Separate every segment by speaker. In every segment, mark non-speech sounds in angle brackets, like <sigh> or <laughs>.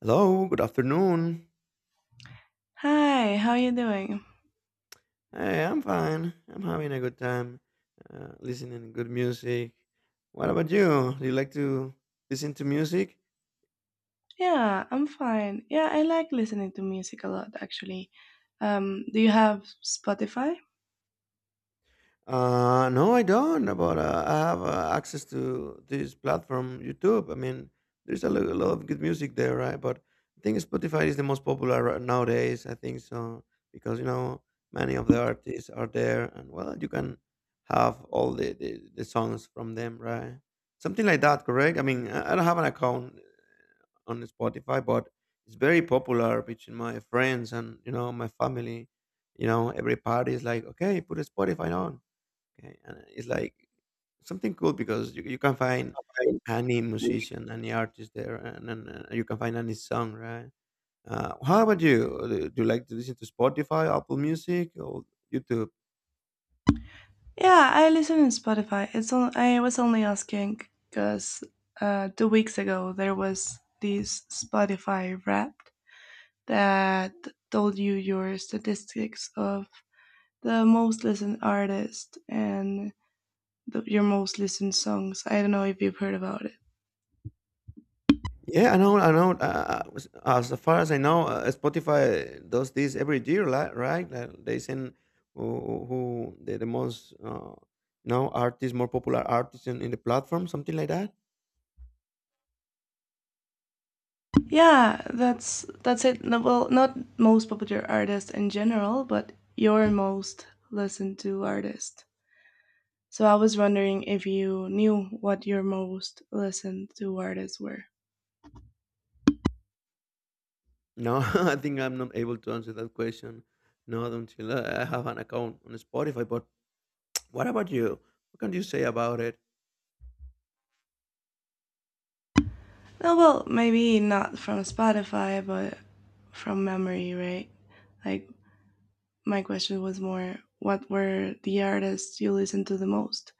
Speaker 1: Hello, good afternoon.
Speaker 2: Hi, how you doing?
Speaker 1: Hey, I'm fine. I'm having a good time listening to good music. What about you? Do you like to listen to music?
Speaker 2: Yeah, I'm fine. Yeah, I like listening to music a lot actually. Do you have Spotify?
Speaker 1: No, I don't. But I have access to this platform, YouTube. I mean, there's a lot of good music there, right? But I think Spotify is the most popular right nowadays. I think so because you know many of the artists are there, and well, you can have all the songs from them, right? Something like that, correct? I mean, I don't have an account on Spotify, but it's very popular between my friends and you know my family. You know, every party is like, okay, put a Spotify on. Okay, and it's like something cool because you can find any musician, any artist there, and you can find any song, right? How about you? Do you like to listen to Spotify, Apple Music, or YouTube?
Speaker 2: Yeah, I listen in Spotify. It's on, I was only asking because 2 weeks ago there was this Spotify Wrapped that told you your statistics of the most listened artist and your most listened songs. I don't know if you've heard about it.
Speaker 1: Yeah, I know. As far as I know, Spotify does this every year, right? Like they send who the most, artists, more popular artists in the platform, something like that.
Speaker 2: Yeah, that's it. No, well, not most popular artist in general, but your most listened to artist. So I was wondering if you knew what your most listened to artists were.
Speaker 1: No, <laughs> I think I'm not able to answer that question. Not until I have an account on Spotify. But <tsk> what about you? What can you say about it?
Speaker 2: No, well, maybe not from Spotify, but from memory, right? Like my question was more, what were the artists you listened to the most?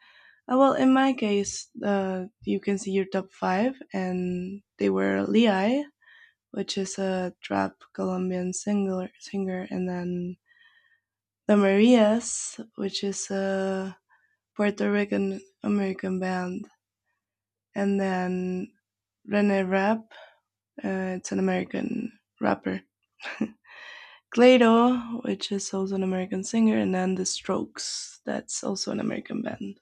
Speaker 2: Well, in my case, you can see your top five, and they were Lee, which is a trap Colombian singer, and then the Marias, which is a Puerto Rican American band, and then Rene Rap, it's an American rapper. <laughs> Clairo, which is also an American singer, and then The Strokes, that's also an American band.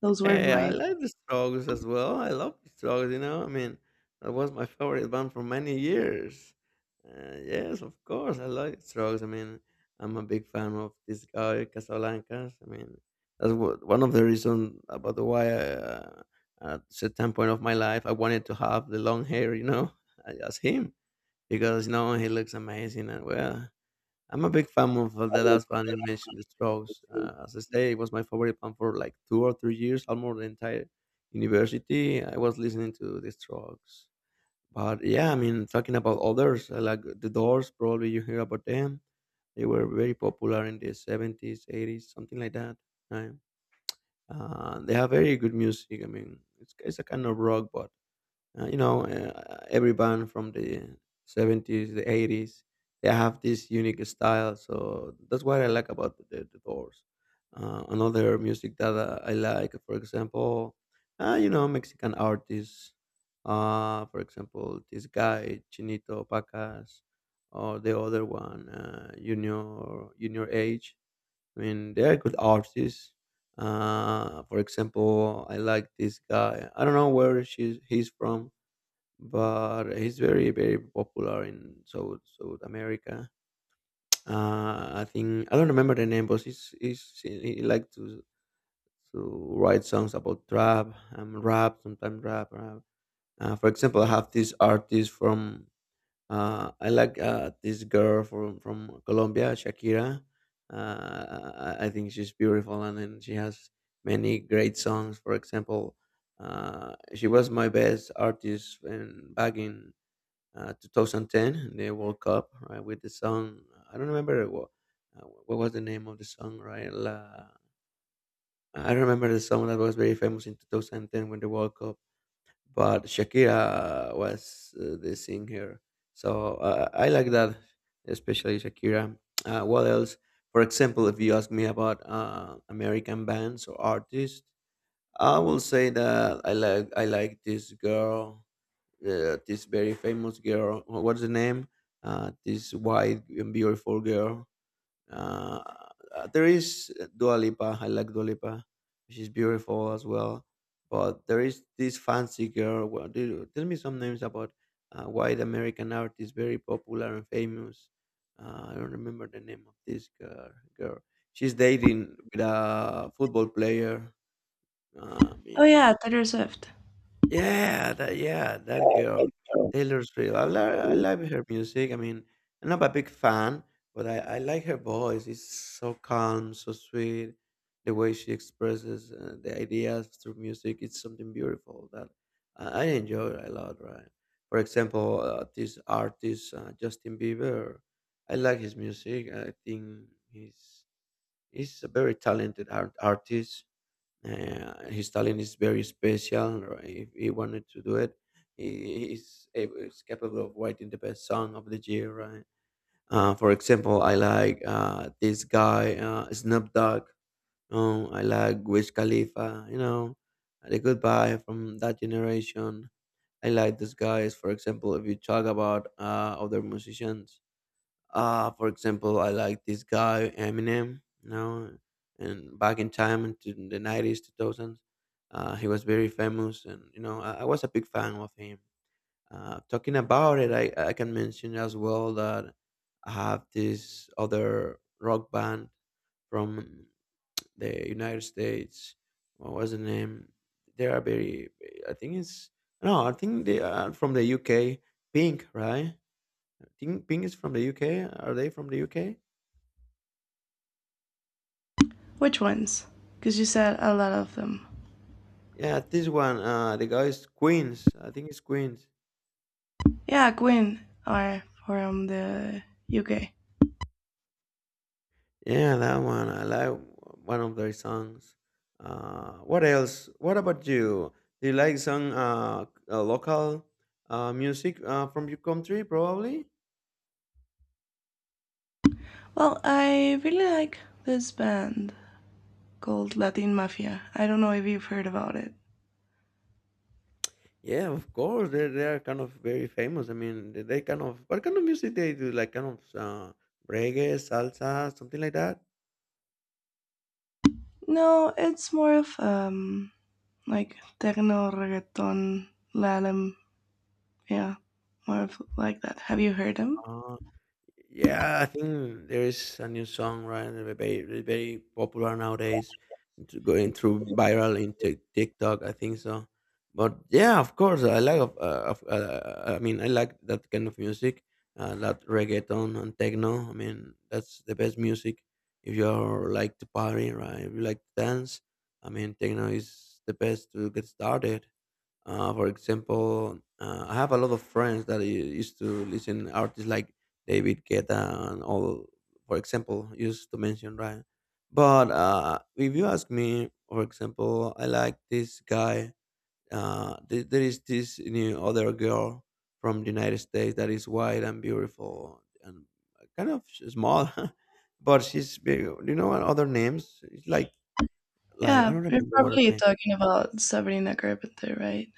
Speaker 2: Those were
Speaker 1: Hey, I
Speaker 2: my.
Speaker 1: like the Strokes as well. I love the Strokes. You know, I mean, that was my favorite band for many years. Yes, of course, I like the Strokes. I mean, I'm a big fan of this guy Casablancas. I mean, that's what, one of the reasons about the why I, uh, at certain point of my life I wanted to have the long hair. You know, <laughs> as him. Because no, he looks amazing. And well, I'm a big fan of the last band you mentioned, The Strokes. As I say, it was my favorite band for like 2 or 3 years, almost the entire university. I was listening to The Strokes. But yeah, I mean, talking about others, like The Doors, probably you hear about them. They were very popular in the 70s, 80s, something like that. Right? They have very good music. I mean, it's a kind of rock, but every band from the 70s, the 80s, they have this unique style. So that's what I like about the Doors. Another music that I like, for example, you know, Mexican artists. For example, this guy, Chinito Pacas, or the other one, Junior Age. I mean, they are good artists. For example, I like this guy. I don't know where he's from, but he's very popular in South America. I think I don't remember the name, but he he like to write songs about trap, rap, sometimes rap. For example, I have this artist from I like this girl from Colombia, Shakira. I think she's beautiful, and then she has many great songs. For example, she was my best artist back in 2010, the World Cup, right? With the song, I don't remember what was the name of the song, right? I don't remember the song that was very famous in 2010 when the World Cup, but Shakira was the singer. So I like that, especially Shakira. What else? For example, if you ask me about American bands or artists, I will say that I like this girl this very famous girl. What's the name? This white and beautiful girl. Uh, there is Dua Lipa. I like Dua Lipa. She's beautiful as well. But there is this fancy girl. Well, tell me some names about white American artist, very popular and famous. I don't remember the name of this girl. Girl. She's dating with a football player. I
Speaker 2: Oh,
Speaker 1: mean,
Speaker 2: yeah, Taylor Swift.
Speaker 1: yeah, that girl, Taylor Swift. I love her music. I mean, I'm not a big fan, but I like her voice. It's so calm, so sweet. The way she expresses the ideas through music, it's something beautiful that I enjoy a lot. Right? For example, this artist Justin Bieber, I like his music. I think he's a very talented artist. His talent is very special. Right? If he wanted to do it, he's able, he's capable of writing the best song of the year. Right? For example, I like this guy Snoop Dogg. I like Wiz Khalifa. You know, the goodbye from that generation. I like these guys. For example, if you talk about other musicians, for example, I like this guy Eminem, you know, and back in time into the 90s, 2000s, he was very famous, and you know, I was a big fan of him. Talking about it, I can mention as well that I have this other rock band from the United States. What was the name? They are very, I think it's no, I think they are from the UK. Pink, right? I think Pink is from the UK. Are they from the UK?
Speaker 2: Which ones? Because you said a lot of them.
Speaker 1: Yeah, this one, the guy's Queens. I think it's Queens.
Speaker 2: Yeah, Queen are from the UK.
Speaker 1: Yeah, that one. I like one of their songs. What else? What about you? Do you like some local music from your country, probably?
Speaker 2: Well, I really like this band called Latin Mafia. I don't know if you've heard about it.
Speaker 1: Yeah, of course. They are kind of very famous. I mean, they kind of what kind of music they do? Like kind of reggae, salsa, something like that.
Speaker 2: No, it's more of like techno reggaeton lalem. Yeah, more of like that. Have you heard them?
Speaker 1: Yeah, I think there is a new song, right? Very popular nowadays, to going through viral in TikTok. I think so. But yeah, of course, I like. I mean, I like that kind of music, that reggaeton and techno. I mean, that's the best music. If you are like to party, right? If you like to dance, I mean, techno is the best to get started. For example, I have a lot of friends that used to listen artists like David Guetta and all. For example, used to mention right. But if you ask me, for example, I like this guy. There is this new other girl from the United States that is white and beautiful and kind of small, <laughs> but she's big. Do you know what other names? It's like I
Speaker 2: Yeah,
Speaker 1: don't
Speaker 2: you're
Speaker 1: remember what her
Speaker 2: probably
Speaker 1: name.
Speaker 2: talking about Sabrina Carpenter, right?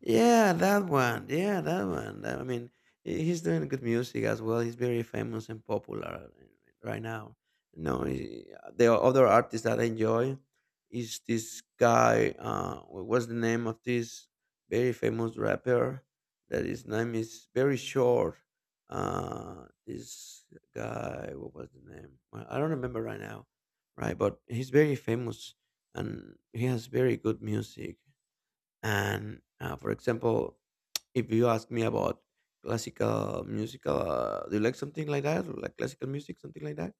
Speaker 1: Yeah, that one. Yeah, that one. I mean, he's doing good music as well. He's very famous and popular right now. No, he- The other artist that I enjoy is this guy. What was the name of this very famous rapper? That his name is very short. This guy. What was the name? Well, I don't remember right now. Right, but he's very famous and he has very good music. And for example, if you ask me about classical musical, do you like something like that, or like classical music, something like that?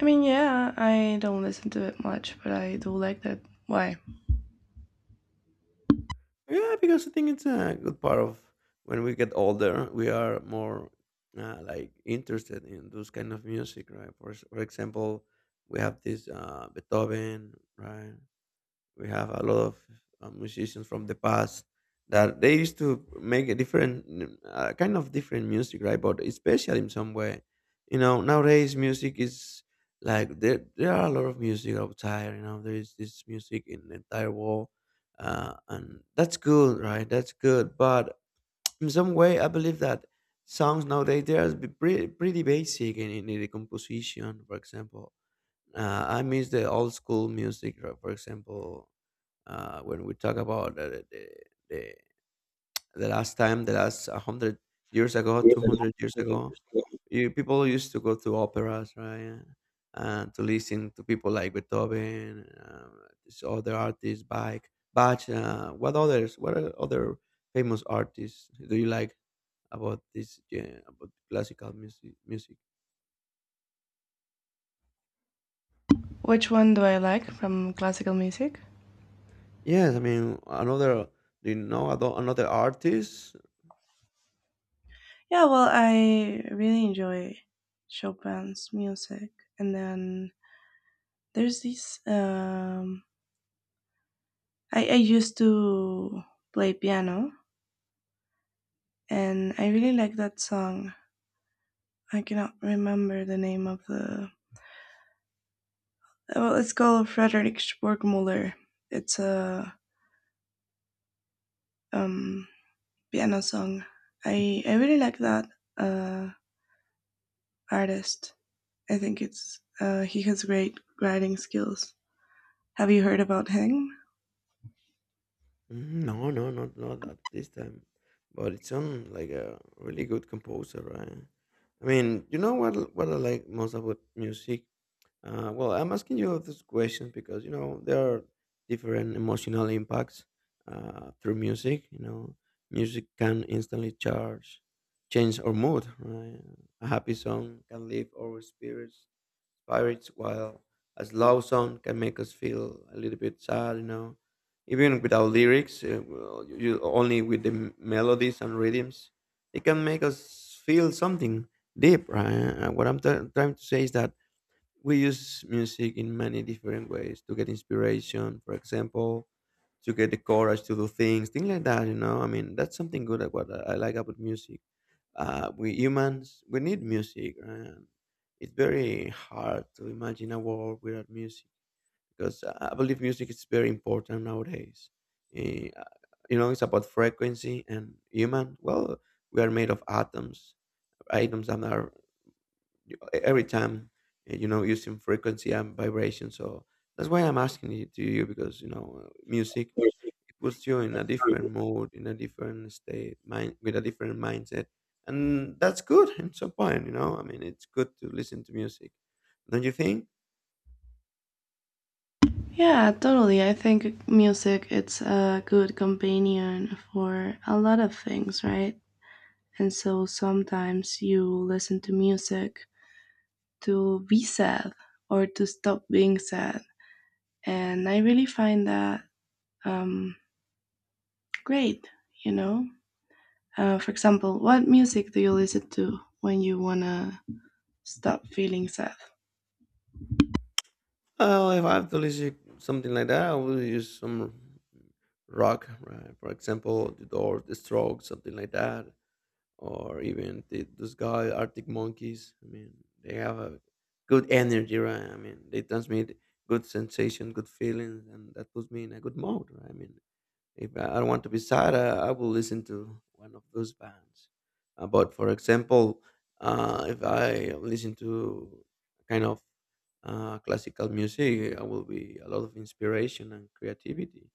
Speaker 2: I mean, yeah, I don't listen to it much, but I do like that. Why?
Speaker 1: Yeah, because I think it's a good part of when we get older, we are more like interested in those kind of music, right? For for example, we have this Beethoven, right? We have a lot of musicians from the past that they used to make a different kind of different music, right? But it's special in some way. You know, nowadays music is like there are a lot of music outside. You know, there is this music in the entire world, and that's good, right? That's good. But in some way, I believe that songs nowadays they are pretty basic in the composition. For example, I miss the old school music, right, for example, when we talk about the, the last time, the last 100 years ago, 200 years ago, people used to go to operas, right? To listen to people like Beethoven, this other artists, Bach. What others? What are other famous artists do you like about this? Yeah, about classical music. Music.
Speaker 2: Which one do I like from classical music?
Speaker 1: Yes, I mean another. Do you know another artist?
Speaker 2: Yeah, well, I really enjoy Chopin's music. And then there's this I used to play piano and I really like that song. I cannot remember the name of the well, it's called Frederick Sporkmuller. It's a um piano song. I really like that uh artist. I think it's he has great writing skills. Have you heard about him?
Speaker 1: Mhm. No, not at this time. But it sounds like a really good composer, right? I mean, you know what I like most about music? Well, I'm asking you this question because you know there are different emotional impacts through music. You know, music can instantly change our mood. Right? A happy song can lift our spirits while a slow song can make us feel a little bit sad, even without lyrics. Well, only with the melodies and rhythms, it can make us feel something deep, right? What I'm trying to say is that we use music in many different ways to get inspiration, for example to get the courage to do things like that. I mean, that's something good at what I like about music. We humans we need music, and it's very hard to imagine a world without music, because I believe music is very important nowadays. Eh, uh, it's about frequency and human, well, we are made of atoms, that are every time, using frequency and vibration. So that's why I'm asking it to you, because music, it puts you in a different mood, in a different state, mind with a different mindset, and that's good in some point. I mean, it's good to listen to music, don't you think?
Speaker 2: Yeah, totally. I think music it's a good companion for a lot of things, right? And so sometimes you listen to music to be sad or to stop being sad. And I really find that um, great, you know? For example, what music do you listen to when you want to stop feeling sad?
Speaker 1: Well, if I have to listen something like that, I will use some rock, right? For example, The Doors, The Strokes, something like that, or even this guy Arctic Monkeys. I mean, they have a good energy, right? I mean, they transmit good sensation, good feelings, and that puts me in a good mode. Right? I mean, if I don't want to be sad, I will listen to one of those bands. But for example, if I listen to kind of classical music, I will be a lot of inspiration and creativity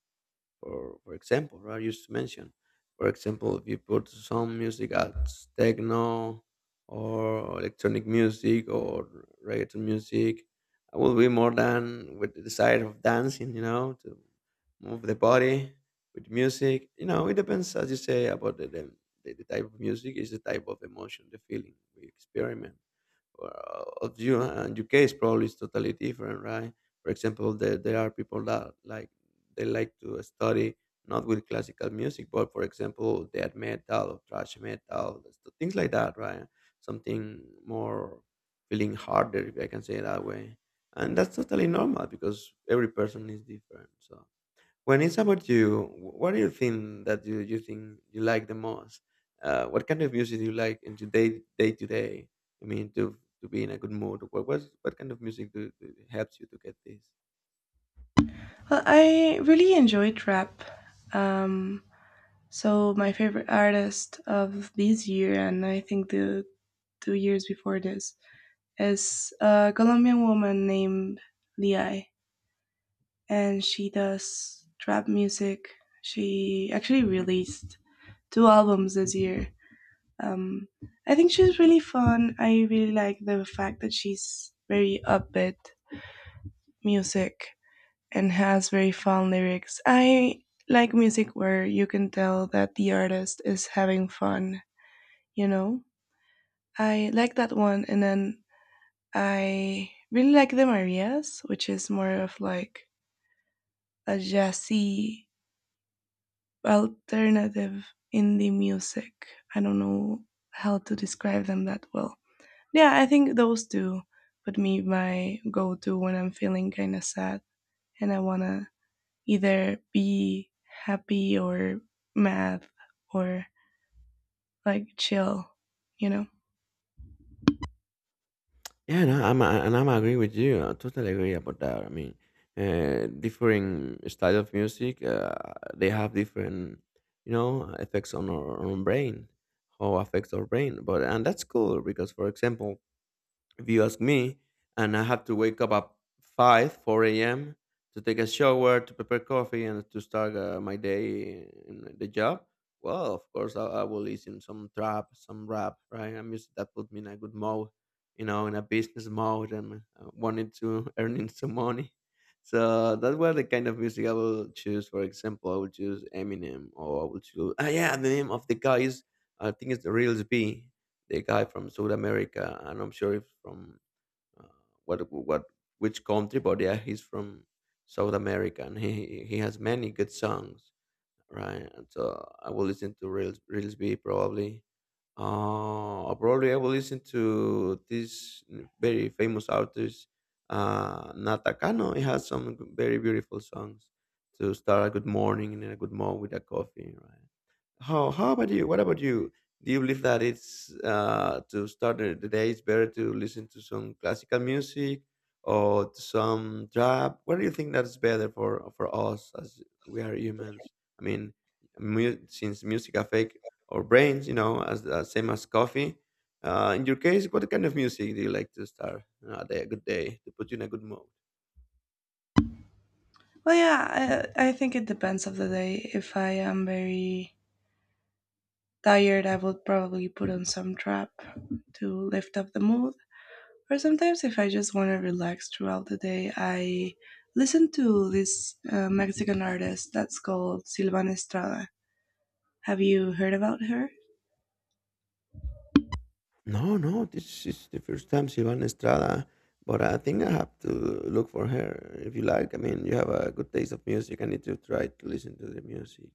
Speaker 1: for example, right? You just mentioned, for example, if you put some music as techno or electronic music or reggaeton music, I will be more than with the side of dancing, to move the body with music. It depends, as you say, about the type of music is the type of emotion, the feeling we experiment, of you, and your case probably is totally different, right? For example there are people that like, they like to study, not with classical music but for example death metal or thrash metal, so things like that, right? Something more feeling harder, if I can say it that way. And that's totally normal because every person is different. So when it's about you, what do you think that you think you like the most? What kind of music do you like in today day to day? I mean, to be in a good mood. What kind of music do helps you to get this?
Speaker 2: Well, I really enjoyed rap. Um, So my favorite artist of this year, and I think the 2 years before this, is a Colombian woman named Liai, and she does trap music. She actually released two albums this year. Um, I think she's really fun. I really like the fact that she's very upbeat music and has very fun lyrics. I like music where you can tell that the artist is having fun, you know? I like that one, and then I really like the Marias, which is more of like a jazzy alternative indie music. I don't know how to describe them that well. Yeah, I think those two would be my go-to when I'm feeling kind of sad and I wanna either be happy or mad or like chill, you know.
Speaker 1: Yeah, no, I'm and I'm agree with you. I totally agree about that. I mean, different style of music, they have different, effects on our own brain, how affects our brain. But and that's cool because, for example, if you ask me, and I have to wake up at 5, 4 a.m. to take a shower, to prepare coffee, and to start my day in the job. Well, of course, I will listen some trap, some rap, right? And music that put me in a good mode, in a business mode, and wanting to <laughs> earning some money. So that was the kind of music I will choose. For example, I will choose Eminem, or I will choose. Ah, yeah, the name of the guy is, I think it's the Reels B, the guy from South America, and I'm sure he's from, uh, what which country, but yeah, he's from South America, and he has many good songs, right? And so I will listen to Reels B probably. Probably I will listen to this very famous artist, Natakano. He has some very beautiful songs to start a good morning, and a good morning with a coffee, right? How about you? What about you? Do you believe that it's, to start the day? It's better to listen to some classical music or to some trap. What do you think that's better for us as we are humans? I mean, since music affect our brains, as, same as coffee. In your case, what kind of music do you like to start, a day, a good day to put you in a good mood?
Speaker 2: Well, yeah, I think it depends of the day. If I am very tired, I would probably put on some trap to lift up the mood. Or sometimes, if I just want to relax throughout the day, I listen to this Mexican artist that's called Silvana Estrada. Have you heard about her?
Speaker 1: No, no, this is the first time Silvana Estrada, but I think I have to look for her, if you like. I mean, you have a good taste of music. I need to try to listen to the music.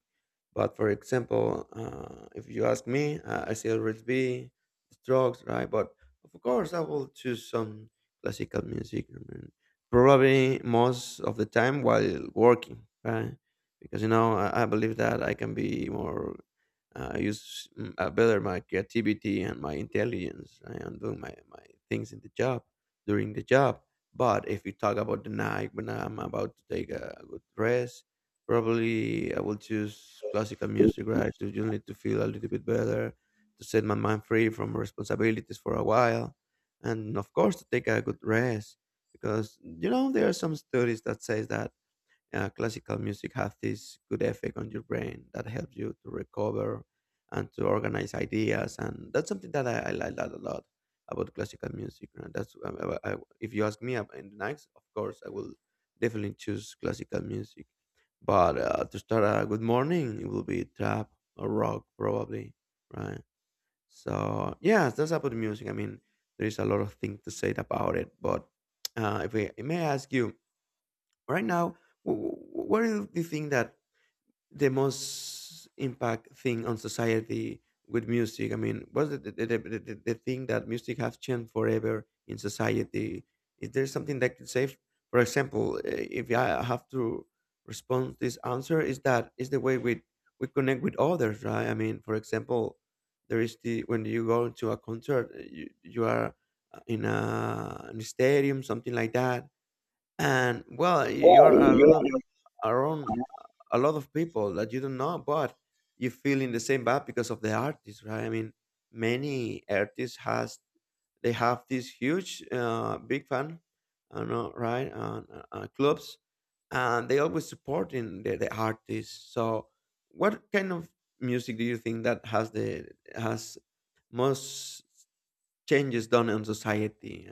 Speaker 1: But for example, if you ask me, I still read B, the Strokes, right? But of course, I will choose some classical music. I mean, probably most of the time while working, right? Because I believe that I can be more use better my creativity and my intelligence. I am doing my things in the job, during the job. But if we talk about the night when I'm about to take a good rest, probably I will choose classical music, right? To just need to feel a little bit better, to set my mind free from responsibilities for a while, and of course to take a good rest. Because there are some studies that says that classical music has this good effect on your brain, that helps you to recover and to organize ideas, and that's something that I like that a lot about classical music. And that's, if you ask me in the next, of course I will definitely choose classical music. But to start a good morning it will be trap or rock probably, right? So yeah, that's about the music. I mean, there is a lot of things to say about it. But if we may ask you, right now, what do you think that the most impact thing on society with music? I mean, what's the thing that music has changed forever in society? Is there something that could say, for example, if I have to respond this answer, is that is the way we connect with others, right? I mean, for example, there is the when you go to a concert, you are, in a stadium, something like that. And well, you
Speaker 2: Yeah,
Speaker 1: are a
Speaker 2: you
Speaker 1: lot around a lot of people that you don't know, but you feel in the same vibe because of the artist, right? I mean, many artists has they have this huge, big fan, I don't know, right? Clubs, and they always supporting the artists. So, what kind of music do you think that has most changes done in society?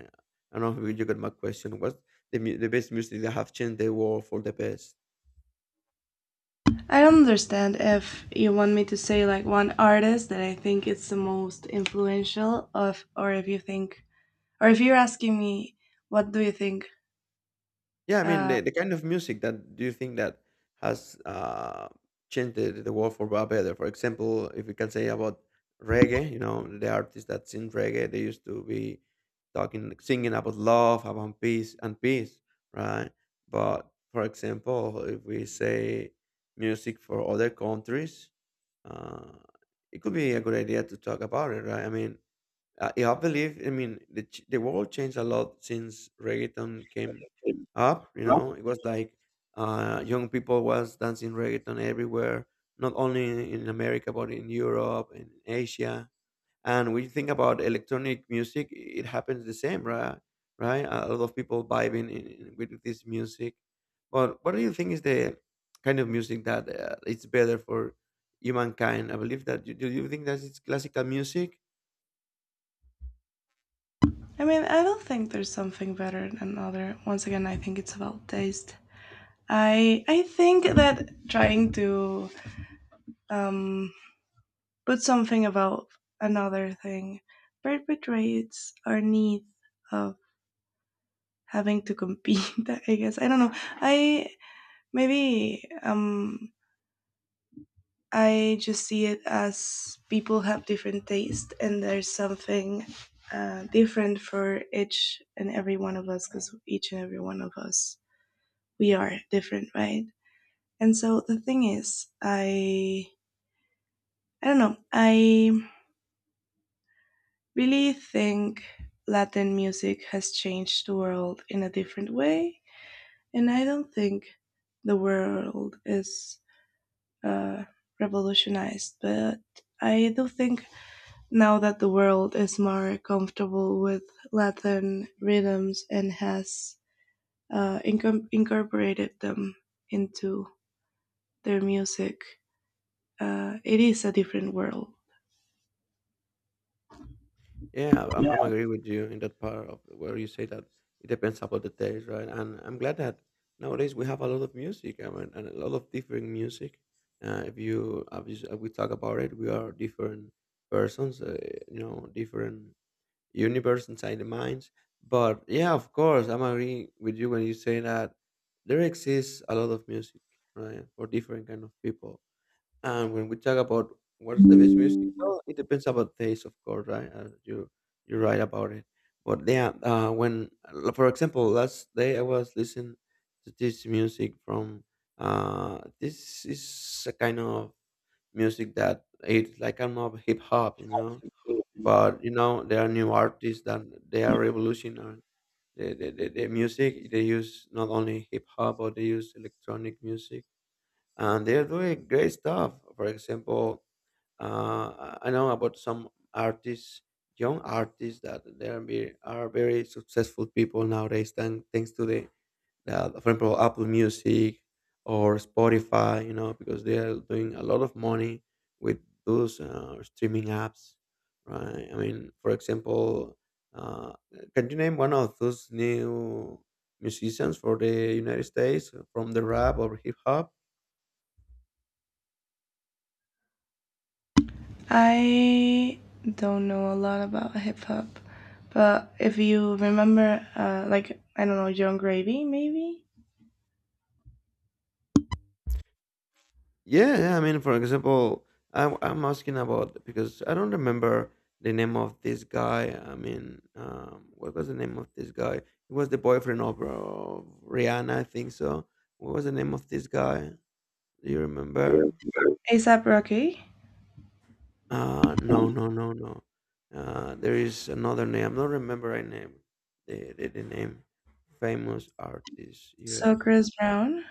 Speaker 1: I don't know if you got my question. What's the best music that have changed the world for the best?
Speaker 2: I don't understand if you want me to say like one artist that I think is the most influential of, or if you think, or if you're asking me, what do you think
Speaker 1: Yeah, I mean
Speaker 2: uh,
Speaker 1: the kind of music that do you think that has, changed the world for better? For example, if we can say about reggae, the artists that sing reggae, they used to be talking, singing about love, about peace and peace, right? But for example, if we say music for other countries, uh, it could be a good idea to talk about it, right? I mean, yeah, I believe. I mean, the world changed a lot since reggaeton came up. It was like young people was dancing reggaeton everywhere, not only in America but in Europe and Asia. And when you think about electronic music, it happens the same, right? Right, a lot of people vibing with this music. But what do you think is the kind of music that, it's better for humankind? I believe that. Do you think that it's classical music?
Speaker 2: I mean, I don't think there's something better than other. Once again, I think it's about taste. I think that trying to um, put something about another thing perpetuates our need of having to compete. <laughs> I guess I don't know. I maybe I just see it as people have different taste, and there's something different for each and every one of us because each and every one of us we are different, right? And so the thing is, I don't know. I really think Latin music has changed the world in a different way, and I don't think the world is uh, revolutionized, but I do think now that the world is more comfortable with Latin rhythms and has incorporated them into their music, it is a different world.
Speaker 1: Yeah, I'm
Speaker 2: Yeah.
Speaker 1: agree with you in that part of where you say that it depends about the taste, right? And I'm glad that nowadays we have a lot of music, I mean, and a lot of different music. If you obviously if we talk about it, we are different persons, different universe inside the minds. But yeah, of course, I'm agree with you when you say that there exists a lot of music, right, for different kind of people, and when we talk about what's the best music, well, it depends about taste, of course, right? You're right about it. But yeah, when for example, last day I was listening to this music from, this is a kind of music that it's like kind of hip hop. But there are new artists that they are revolutionary. The music they use not only hip hop, but they use electronic music and they are doing great stuff. For example, I know about some artists, young artists that they are very successful people nowadays, thanks to the, the, for example, Apple Music or Spotify, because they are doing a lot of money with those streaming apps, right? I mean, for example, uh, can you name one of those new musicians for the United States from the rap or hip hop?
Speaker 2: I don't know a lot about hip hop, but if you remember, like I don't know, John Gravy maybe,
Speaker 1: Yeah, yeah. I mean, for example, I'm asking about because I don't remember the name of this guy. I mean, what was the name of this guy? He was the boyfriend of Rihanna, I think so. What was the name of this guy? Do you remember?
Speaker 2: ASAP Rocky,
Speaker 1: No, no, no, no. There is another name. I'm not remember I name. The name, famous artist,
Speaker 2: so
Speaker 1: U.S.
Speaker 2: Chris Brown.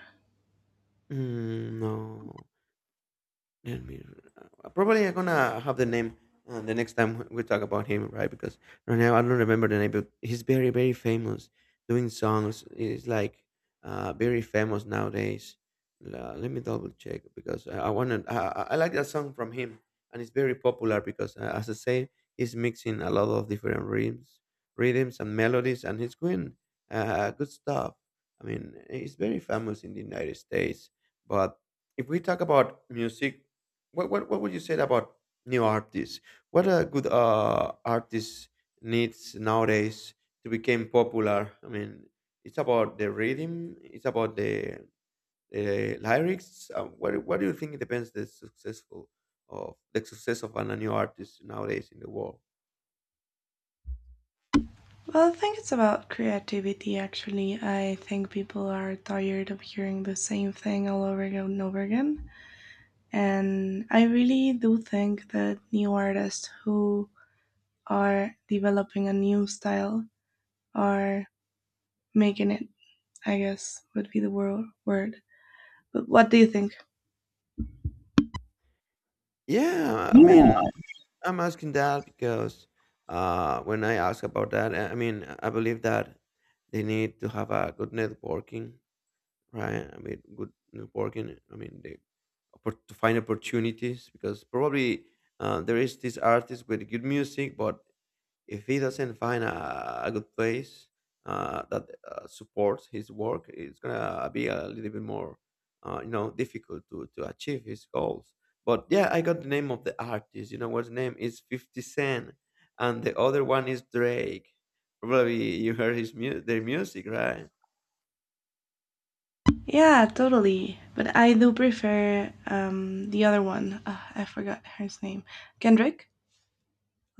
Speaker 1: Mm, no. Elmir. Probably I'm gonna have the name the next time we talk about him, right? Because right now I don't remember the name, but he's very, very famous doing songs. He's like very famous nowadays. Let me double check because I wanna. I like that song from him, and it's very popular because, as I say, he's mixing a lot of different rhythms and melodies, and he's doing good stuff. I mean, he's very famous in the United States, but if we talk about music, what would you say about new artists? What a good artist needs nowadays to become popular. I mean, it's about the rhythm. It's about the lyrics. What do you think depends the success of a new artist nowadays in the world?
Speaker 2: Well, I think it's about creativity. Actually, I think people are tired of hearing the same thing all over again, and I really do think that new artists who are developing a new style are making it, I guess, would be the word. But what do you think?
Speaker 1: Yeah, I
Speaker 2: Yeah.
Speaker 1: mean, I'm asking that because when I ask about that, I mean, I believe that they need to have a good networking, right? I mean, good networking. I mean, they to find opportunities because probably there is this artist with good music, but if he doesn't find a good place that supports his work, it's gonna be a little bit more, difficult to achieve his goals. But yeah, I got the name of the artist. You know what's name is Fifty Cent, and the other one is Drake. Probably you heard their music, right?
Speaker 2: Yeah, totally. But I do prefer the other one. I forgot her name. Kendrick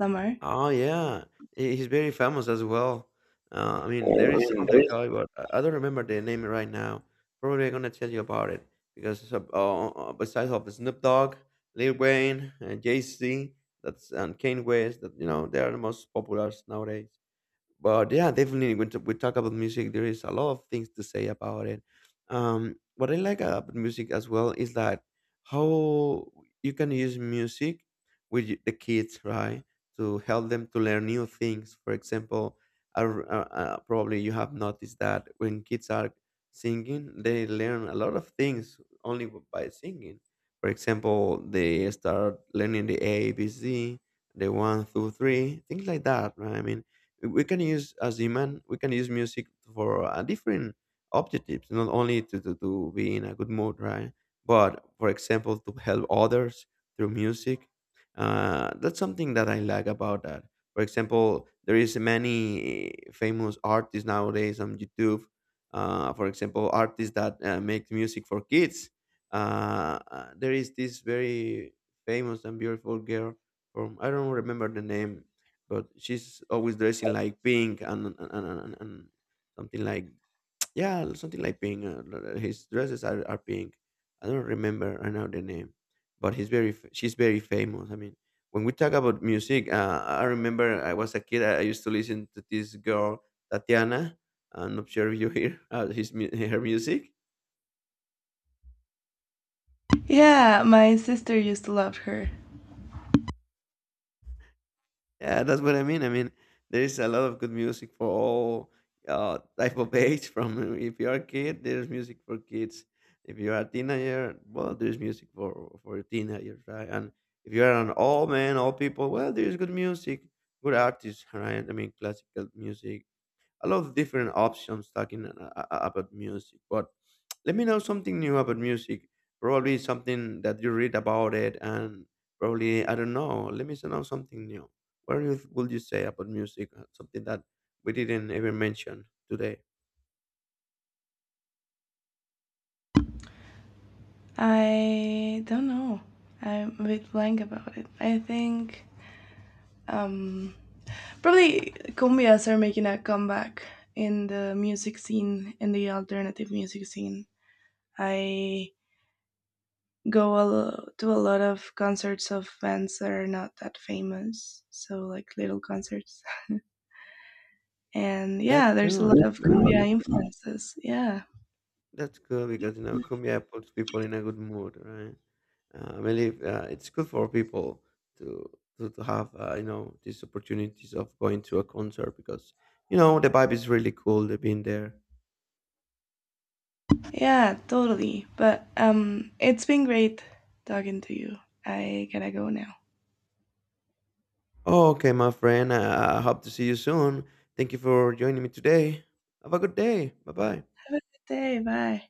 Speaker 2: Lamar.
Speaker 1: Oh yeah, he's very famous as well. I mean, there
Speaker 2: Oh,
Speaker 1: is
Speaker 2: and
Speaker 1: other
Speaker 2: there's
Speaker 1: guy, but I don't remember the name right now. Probably I'm gonna tell you about it because besides of Snoop Dogg, Lil Wayne, and Jay Z, that's and Kanye West, that you know they are the most popular nowadays. But yeah, definitely when we talk about music there is a lot of things to say about it. What I like about music as well is that how you can use music with the kids, right, to help them to learn new things. For example, uh, probably you have noticed that when kids are singing they learn a lot of things only by singing. For example, they start learning the ABC, the one two three, things like that, right? I mean, we can use as human we can use music for different objectives, not only to be in a good mood, right, but for example to help others through music. That's something that I like about that. For example, there is many famous artists nowadays on YouTube. For example, artists that make music for kids. There is this very famous and beautiful girl from, I don't remember the name, but she's always dressing like pink and something like, <tsk> yeah, something like pink. His dresses are pink. I don't remember right now the name, but he's she's very famous. I mean, when we talk about music, I remember I was a kid, I used to listen to this girl Tatiana. I'm not sure if you hear <laughs> her music.
Speaker 2: Yeah, my sister used to love her.
Speaker 1: Yeah, that's what I mean. I mean, there is a lot of good music for all type of age. <laughs> From if you are a kid, there's music for kids. If you are a teenager, well, there's music for teenagers, right? And if you are an all man, all people, well, there's good music, good artists, right? I mean, classical music, a lot of different options talking about music. But let me know something new about music. Probably something that you read about it, and probably I don't know. Let me know something new. What would you say about music? Something that we didn't even mention today.
Speaker 2: I don't know. I'm a bit blank about it. I think um, probably cumbias are making a comeback in the music scene, in the alternative music scene. I go a to a lot of concerts of bands that are not that famous, so like little concerts. <laughs> And
Speaker 1: That's
Speaker 2: yeah, there's a
Speaker 1: good.
Speaker 2: lot
Speaker 1: That's
Speaker 2: of
Speaker 1: good. I
Speaker 2: cool.
Speaker 1: mean,
Speaker 2: cumbia influences. Yeah,
Speaker 1: that's cool because you know cumbia puts people in a good mood, right? I believe it's good for people to to have these opportunities of going to a concert because you know the vibe is really cool. They've been there.
Speaker 2: yeah, totally. But it's been great talking to you. I gotta go now.
Speaker 1: Oh, okay, my friend. I hope to see you soon. Thank you for joining me today. Have a good day. Bye bye.
Speaker 2: Hey, bye.